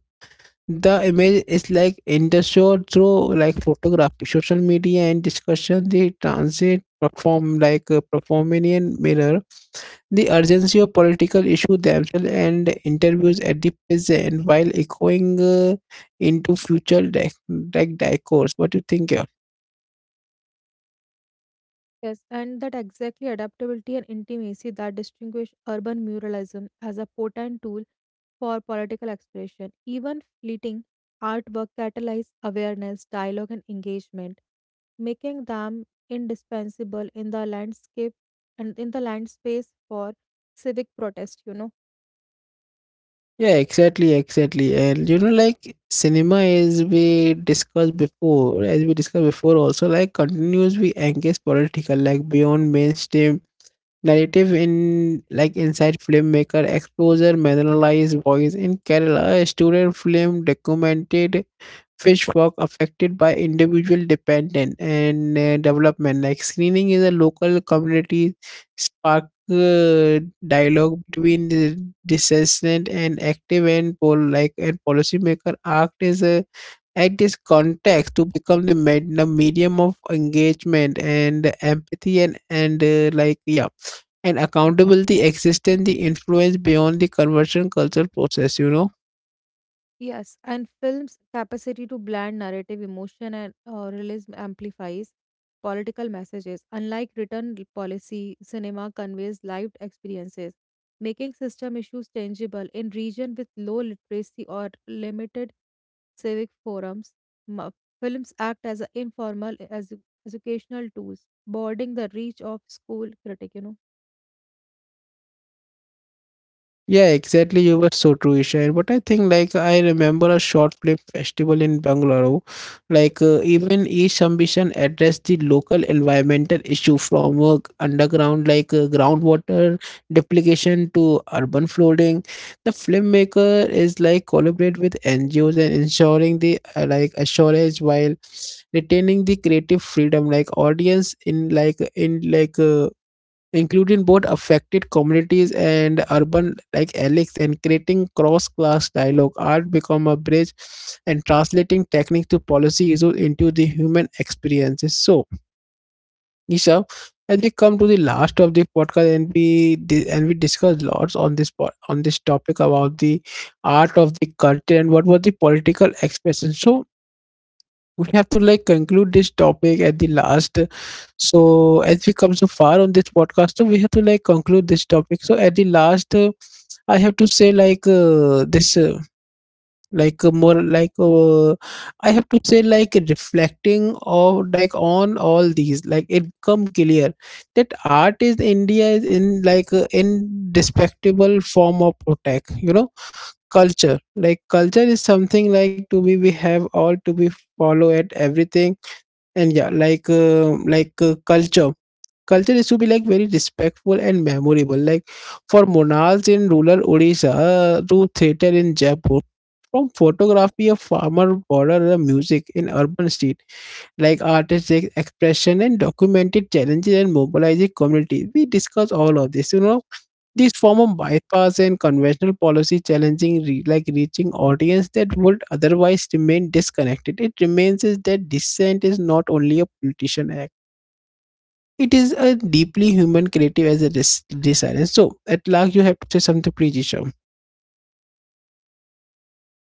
B: the image is like in the show through like photography, social media, and discussion. The transit perform like a performing mirror the urgency of political issues themselves and interviews at the present while echoing into future decades. What do you think? Yeah,
A: Yes, and that exactly adaptability and intimacy that distinguish urban muralism as a potent tool for political expression, even fleeting artwork catalyze awareness, dialogue, and engagement, making them indispensable in the landscape and in the land space for civic protest,
B: yeah, exactly, exactly. And you know, like cinema, as we discussed before, also like continues we engage political, like beyond mainstream narrative in like inside filmmaker exposure marginalized voice in Kerala, a student film documented fish work affected by individual dependent and development like screening is a local community spark uh, dialogue between the dissentient and active and and policymaker act is a at this context to become the medium of engagement and empathy and like yeah and accountability exists in the influence beyond the conversion culture process, you know.
A: Yes, and film's capacity to blend narrative emotion and realism amplifies political messages. Unlike written policy, cinema conveys lived experiences, making system issues tangible in region with low literacy or limited civic forums. Ma- Films act as a informal as educational tools, broadening the reach of school critic.
B: Yeah, exactly. You were so true, Isha. But I think, like, I remember a short film festival in Bangalore. Even each ambition addressed the local environmental issue from underground, groundwater duplication to urban flooding. The filmmaker is like collaborate with NGOs and ensuring the like assurance while retaining the creative freedom. Like audience in like including both affected communities and urban like elites and creating cross-class dialogue art become a bridge and translating techniques to policy issues into the human experiences. So Isha, as we come to the last of the podcast, and we and we discuss lots on this on this topic about the art of the culture and what were the political expressions, so we have to like conclude this topic at the last. So as we come so far on this podcast, so we have to like conclude this topic. So at the last I have to say like this like more like I have to say like reflecting or like on all these like it come clear that art is India is in in respectable form of protect, you know. Culture like culture is something like to be we have all to be follow at everything. And yeah, culture culture is to be like very respectful and memorable like for monals in rural Odisha to theater in Jaipur, from photography of farmer border music in urban street, like artistic expression and documented challenges and mobilizing communities. We discuss all of this, you know. This form of bypass and conventional policy challenging reaching audience that would otherwise remain disconnected. It remains is that dissent is not only a politician act. It is a deeply human creative as a desire. So at last you have to say something, please, Isha.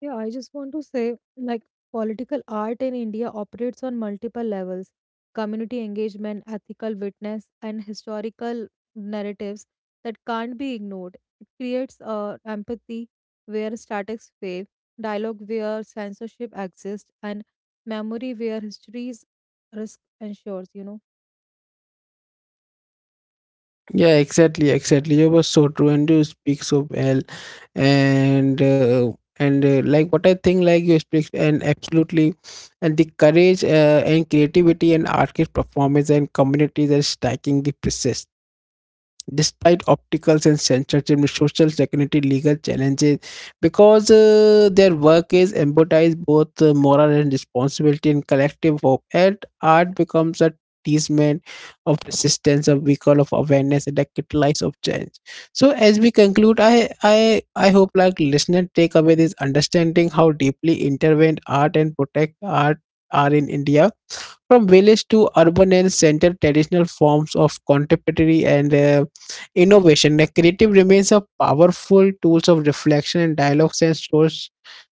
A: Yeah, I just want to say like political art in India operates on multiple levels community engagement, ethical witness, and historical narratives that can't be ignored. It creates empathy where statics fail, dialogue where censorship exists, and memory where history's risk ensures,
B: Yeah, exactly, exactly. You were so true, and you speak so well, and uh, and like what I think, like you speak and absolutely, and the courage and creativity and artist performance and communities are stacking the process despite obstacles and censorship, social security legal challenges, because their work is embodies both moral and responsibility in collective hope. And art becomes a testament of resistance, a vehicle of awareness, and a catalyst of change. So as we conclude, I hope like listener take away this understanding how deeply intervened art and protect art are in India, from village to urban and center traditional forms of contemporary and innovation, the creative remains a powerful tools of reflection and dialogues and source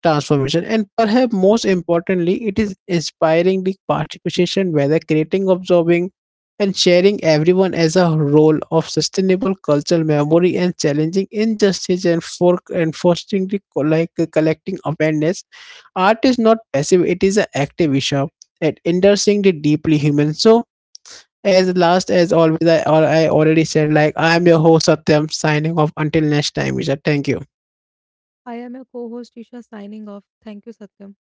B: transformation. And perhaps most importantly, it is inspiring the participation, whether creating, observing, and sharing everyone as a role of sustainable cultural memory and challenging injustice and fostering the like collecting awareness. Art is not passive; it is an active issue and endorsing the deeply human. So as last as always, I already said like I am your host Satyam signing off until next time, Vijay. Thank you.
A: I am your co host Isha signing off. Thank you, Satyam.